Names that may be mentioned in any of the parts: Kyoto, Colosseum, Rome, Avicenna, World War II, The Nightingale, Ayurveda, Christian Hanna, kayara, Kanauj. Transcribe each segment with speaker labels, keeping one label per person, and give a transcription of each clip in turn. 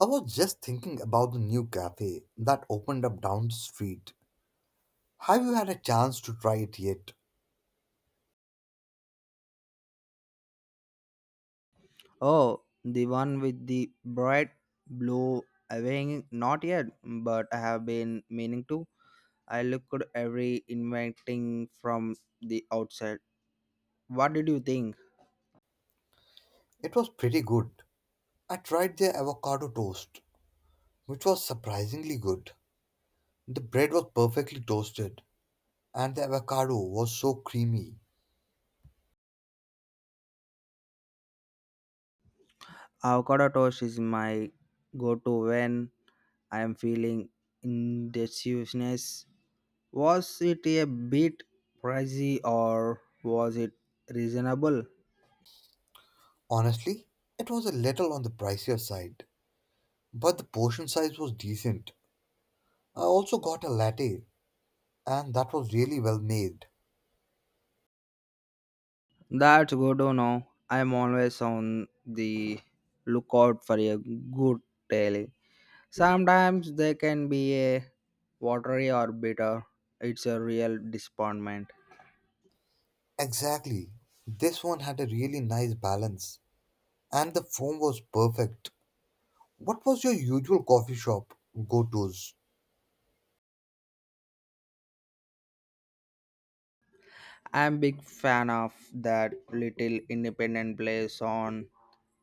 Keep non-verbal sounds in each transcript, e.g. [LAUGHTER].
Speaker 1: I was just thinking about the new cafe that opened up down the street. Have you had a chance to try it yet?
Speaker 2: Oh, the one with the bright blue awning? Not yet, but I have been meaning to. I looked every inviting from the outside. What did you think?
Speaker 1: It was pretty good. I tried their avocado toast, which was surprisingly good. The bread was perfectly toasted, and the avocado was so creamy.
Speaker 2: Avocado toast is my go-to when I am feeling indecisiveness. Was it a bit pricey or was it reasonable?
Speaker 1: Honestly, it was a little on the pricier side, but the portion size was decent. I also got a latte, and that was really well made.
Speaker 2: That's good to know. I'm always on the lookout for a good deal. Sometimes they can be a watery or bitter. It's a real disappointment.
Speaker 1: Exactly. This one had a really nice balance, and the foam was perfect. What was your usual coffee shop go tos?
Speaker 2: I'm big fan of that little independent place on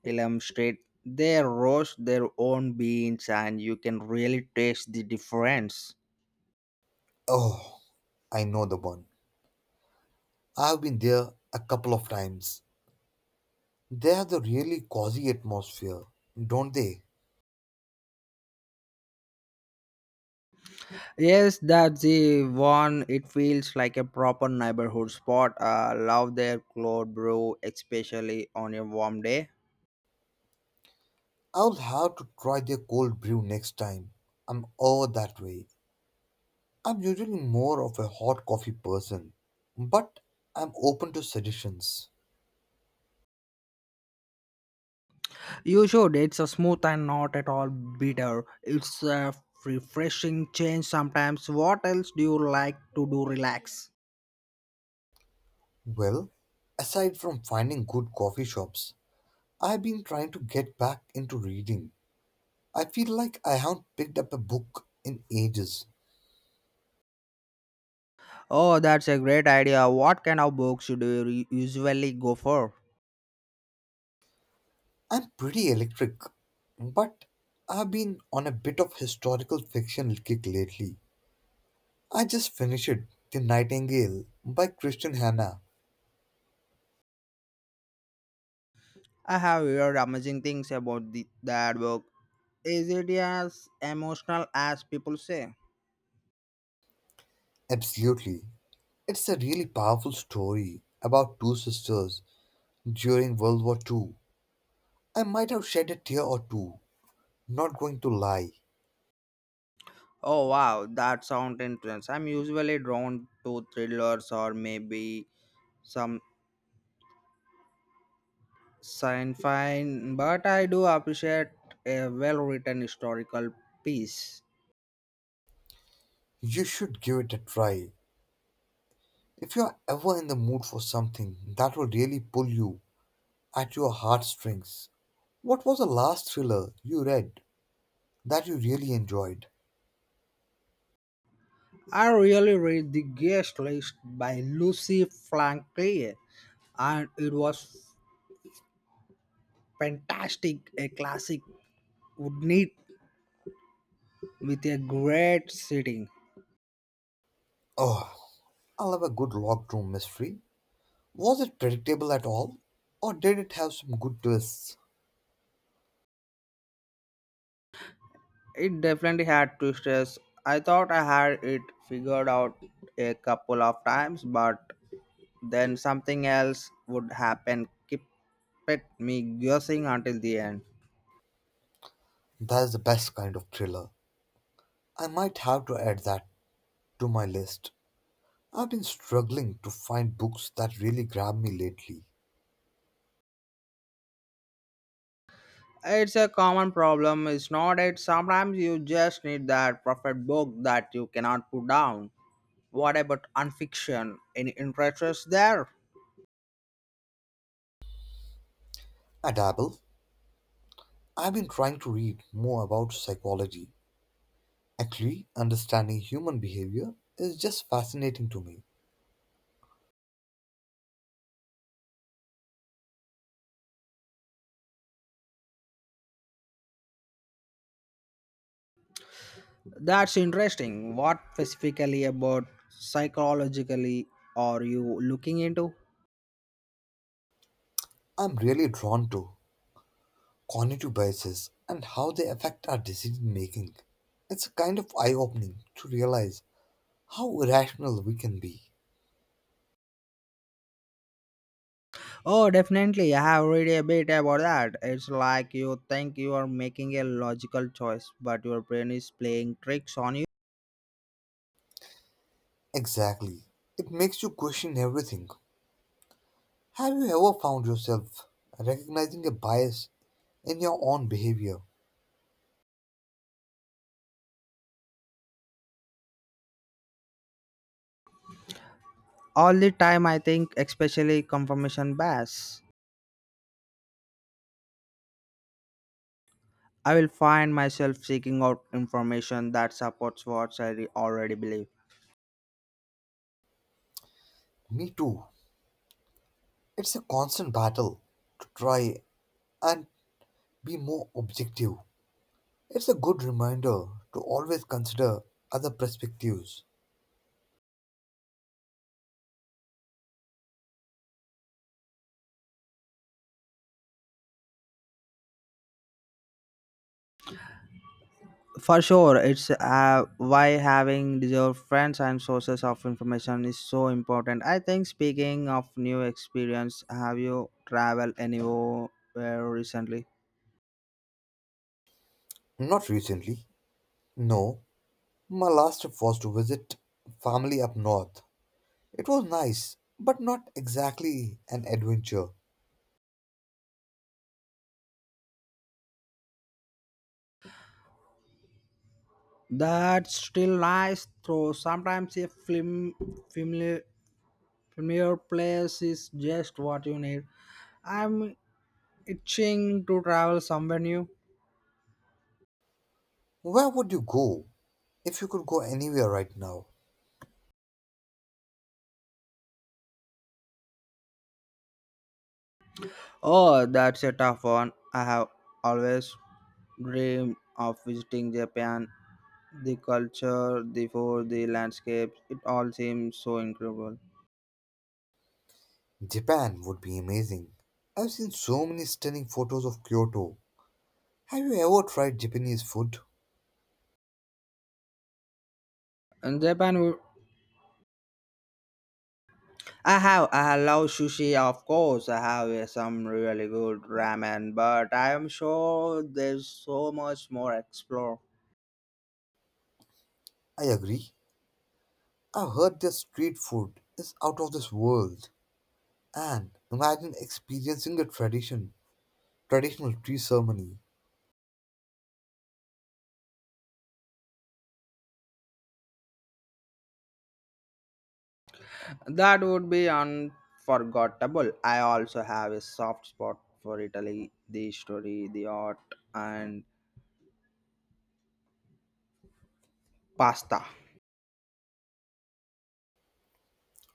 Speaker 2: Elam Street. They roast their own beans and you can really taste the difference.
Speaker 1: Oh, I know the one. I've been there a couple of times. They have the really cozy atmosphere, don't they?
Speaker 2: Yes, that's the one. It feels like a proper neighborhood spot. I love their cold brew, especially on a warm day.
Speaker 1: I'll have to try their cold brew next time I'm over that way. I'm usually more of a hot coffee person, but I'm open to suggestions.
Speaker 2: You should. It's a smooth and not at all bitter. It's a refreshing change sometimes. What else do you like to do relax?
Speaker 1: Well, aside from finding good coffee shops, I've been trying to get back into reading. I feel like I haven't picked up a book in ages.
Speaker 2: Oh, that's a great idea. What kind of books do you usually go for?
Speaker 1: I'm pretty electric, but I've been on a bit of historical fiction kick lately. I just finished The Nightingale by Christian Hanna.
Speaker 2: I have heard amazing things about that book. Is it as emotional as people say?
Speaker 1: Absolutely. It's a really powerful story about two sisters during World War II. I might have shed a tear or two, not going to lie.
Speaker 2: Oh wow, that sounds intense. I'm usually drawn to thrillers or maybe some Sign fine, but I do appreciate a well-written historical piece.
Speaker 1: You should give it a try. If you're ever in the mood for something that will really pull you at your heartstrings, what was the last thriller you read that you really enjoyed?
Speaker 2: I really read The Guest List by Lucy Franklin, and it was fantastic. A classic would need with a great setting.
Speaker 1: Oh, I love a good locked room mystery. Was it predictable at all, or did it have some good twists?
Speaker 2: It definitely had twists. I thought I had it figured out a couple of times, but then something else would happen. Keep it me guessing until the end.
Speaker 1: That is the best kind of thriller. I might have to add that to my list. I've been struggling to find books that really grab me lately.
Speaker 2: It's a common problem, it's not it? Sometimes you just need that perfect book that you cannot put down. What about unfiction? Any interests there?
Speaker 1: I dabble. I've been trying to read more about psychology. Actually, understanding human behavior is just fascinating to me.
Speaker 2: That's interesting. What specifically about psychologically are you looking into?
Speaker 1: I'm really drawn to cognitive biases, and how they affect our decision making. It's kind of eye opening to realize how irrational we can be.
Speaker 2: Oh, definitely. I have read a bit about that. It's like you think you are making a logical choice, but your brain is playing tricks on you
Speaker 1: Exactly. It makes you question everything. Have you ever found yourself recognizing a bias in your own behavior?
Speaker 2: all the time. I think, especially confirmation bias. I will find myself seeking out information that supports what I already believe.
Speaker 1: Me too. It's a constant battle to try and be more objective. It's a good reminder to always consider other perspectives.
Speaker 2: For sure, it's why having deserved friends and sources of information is so important. I think, speaking of new experience, have you traveled anywhere recently?
Speaker 1: Not recently, no. My last trip was to visit family up north. It was nice, but not exactly an adventure.
Speaker 2: That's still nice, though. Sometimes a film, familiar, familiar place is just what you need. I'm itching to travel somewhere new.
Speaker 1: Where would you go if you could go anywhere right now?
Speaker 2: Oh, that's a tough one. I have always dreamed of visiting Japan. The culture, the food, the landscapes, it all seems so incredible.
Speaker 1: Japan would be amazing. I've seen so many stunning photos of Kyoto. Have you ever tried Japanese food?
Speaker 2: In Japan, I have, I love sushi, of course. I have some really good ramen, but I am sure there's so much more explore.
Speaker 1: I agree. I've heard their street food is out of this world. And imagine experiencing the traditional tea ceremony.
Speaker 2: That would be unforgettable. I also have a soft spot for Italy, the story, the art, and pasta.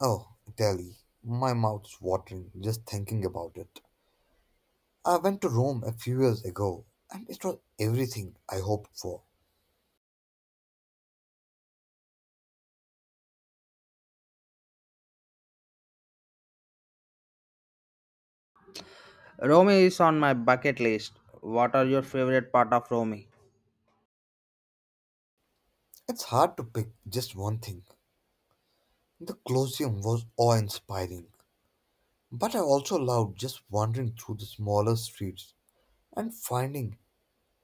Speaker 1: Oh, Italy. My mouth's watering just thinking about it. I went to Rome a few years ago and it was everything I hoped for.
Speaker 2: Rome is on my bucket list. What are your favorite part of Rome?
Speaker 1: It's hard to pick just one thing. The Colosseum was awe inspiring, but I also loved just wandering through the smaller streets and finding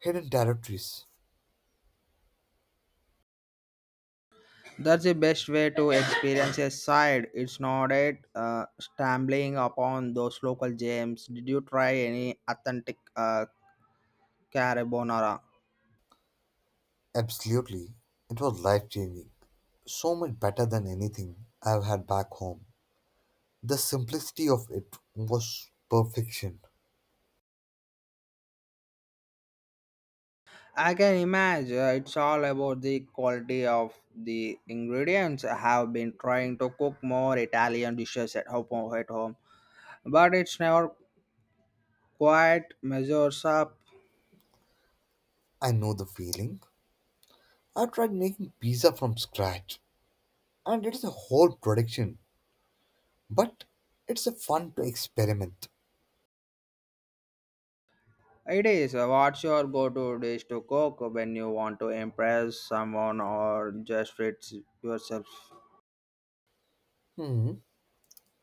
Speaker 1: hidden territories.
Speaker 2: That's the best way to experience a side. It's not it stumbling upon those local gems. Did you try any authentic carbonara?
Speaker 1: Absolutely, it was life changing. So much better than anything I've had back home. The simplicity of it was perfection.
Speaker 2: I can imagine it's all about the quality of the ingredients. I have been trying to cook more Italian dishes at home, but it's never quite measures up.
Speaker 1: I know the feeling. I tried making pizza from scratch, and it's a whole production, but it's a fun to experiment.
Speaker 2: It is. What's your go-to dish to cook when you want to impress someone or just treat yourself?
Speaker 1: Hmm,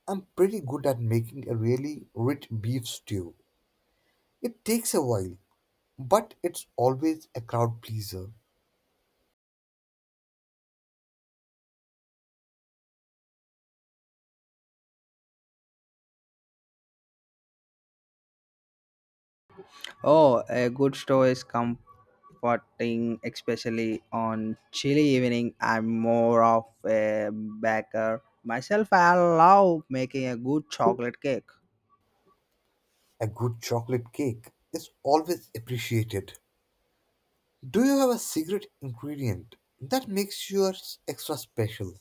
Speaker 1: I'm pretty good at making a really rich beef stew. It takes a while, but it's always a crowd pleaser.
Speaker 2: Oh, a good stew is comforting, especially on chilly evening. I'm more of a baker myself. I love making a good chocolate cake.
Speaker 1: A good chocolate cake is always appreciated. Do you have a secret ingredient that makes yours extra special?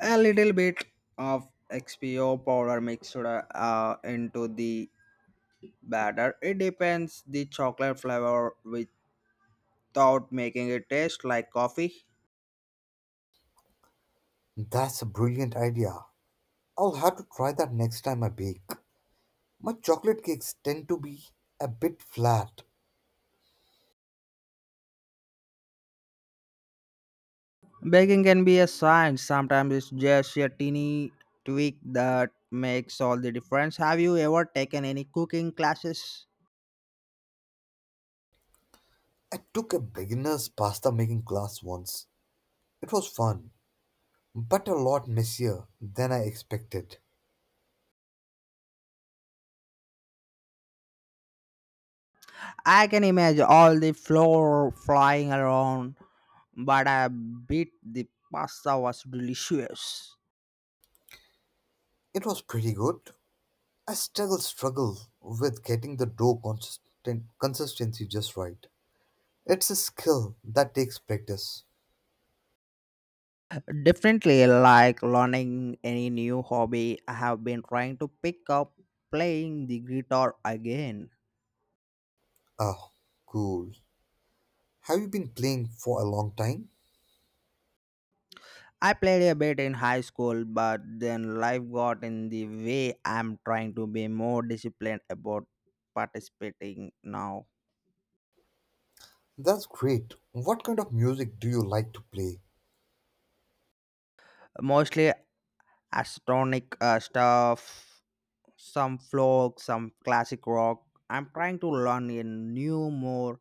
Speaker 2: A little bit of XPO powder mixed into the batter. It depends the chocolate flavor without making it taste like coffee.
Speaker 1: That's a brilliant idea. I'll have to try that next time I bake. My chocolate cakes tend to be a bit flat.
Speaker 2: Baking can be a science. Sometimes it's just a teeny tweak that makes all the difference. Have you ever taken any cooking classes?
Speaker 1: I took a beginner's pasta making class once. It was fun, but a lot messier than I expected.
Speaker 2: I can imagine all the flour flying around, but I bet the pasta was delicious.
Speaker 1: It was pretty good. I struggle with getting the dough consistency just right. It's a skill that takes practice.
Speaker 2: Definitely like learning any new hobby. I have been trying to pick up playing the guitar again.
Speaker 1: Ah, cool. Have you been playing for a long time?
Speaker 2: I played a bit in high school, but then life got in the way. I'm trying to be more disciplined about participating now.
Speaker 1: That's great. What kind of music do you like to play?
Speaker 2: Mostly astronic stuff, some folk, some classic rock. I'm trying to learn a new, more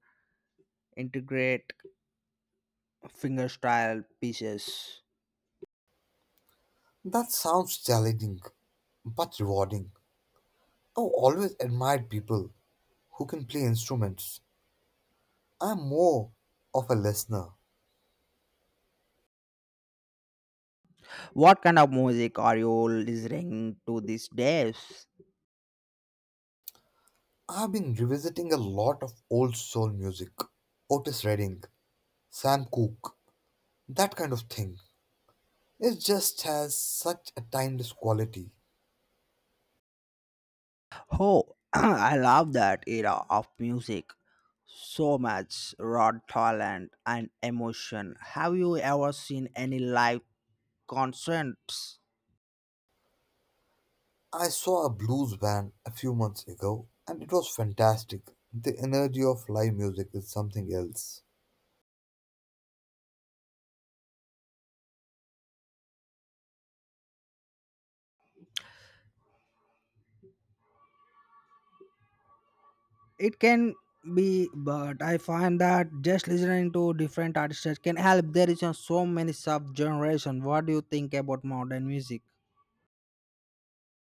Speaker 2: integrate fingerstyle pieces.
Speaker 1: That sounds challenging, but rewarding. I always admired people who can play instruments. I'm more of a listener.
Speaker 2: What kind of music are you listening to these days?
Speaker 1: I've been revisiting a lot of old soul music, Otis Redding, Sam Cooke, that kind of thing. It just has such a timeless quality.
Speaker 2: Oh, [CLEARS THROAT] I love that era of music. So much raw talent and emotion. Have you ever seen any live concerts?
Speaker 1: I saw a blues band a few months ago and it was fantastic. The energy of live music is something else.
Speaker 2: It can be, but I find that just listening to different artists can help. There is so many sub generation. What do you think about modern music?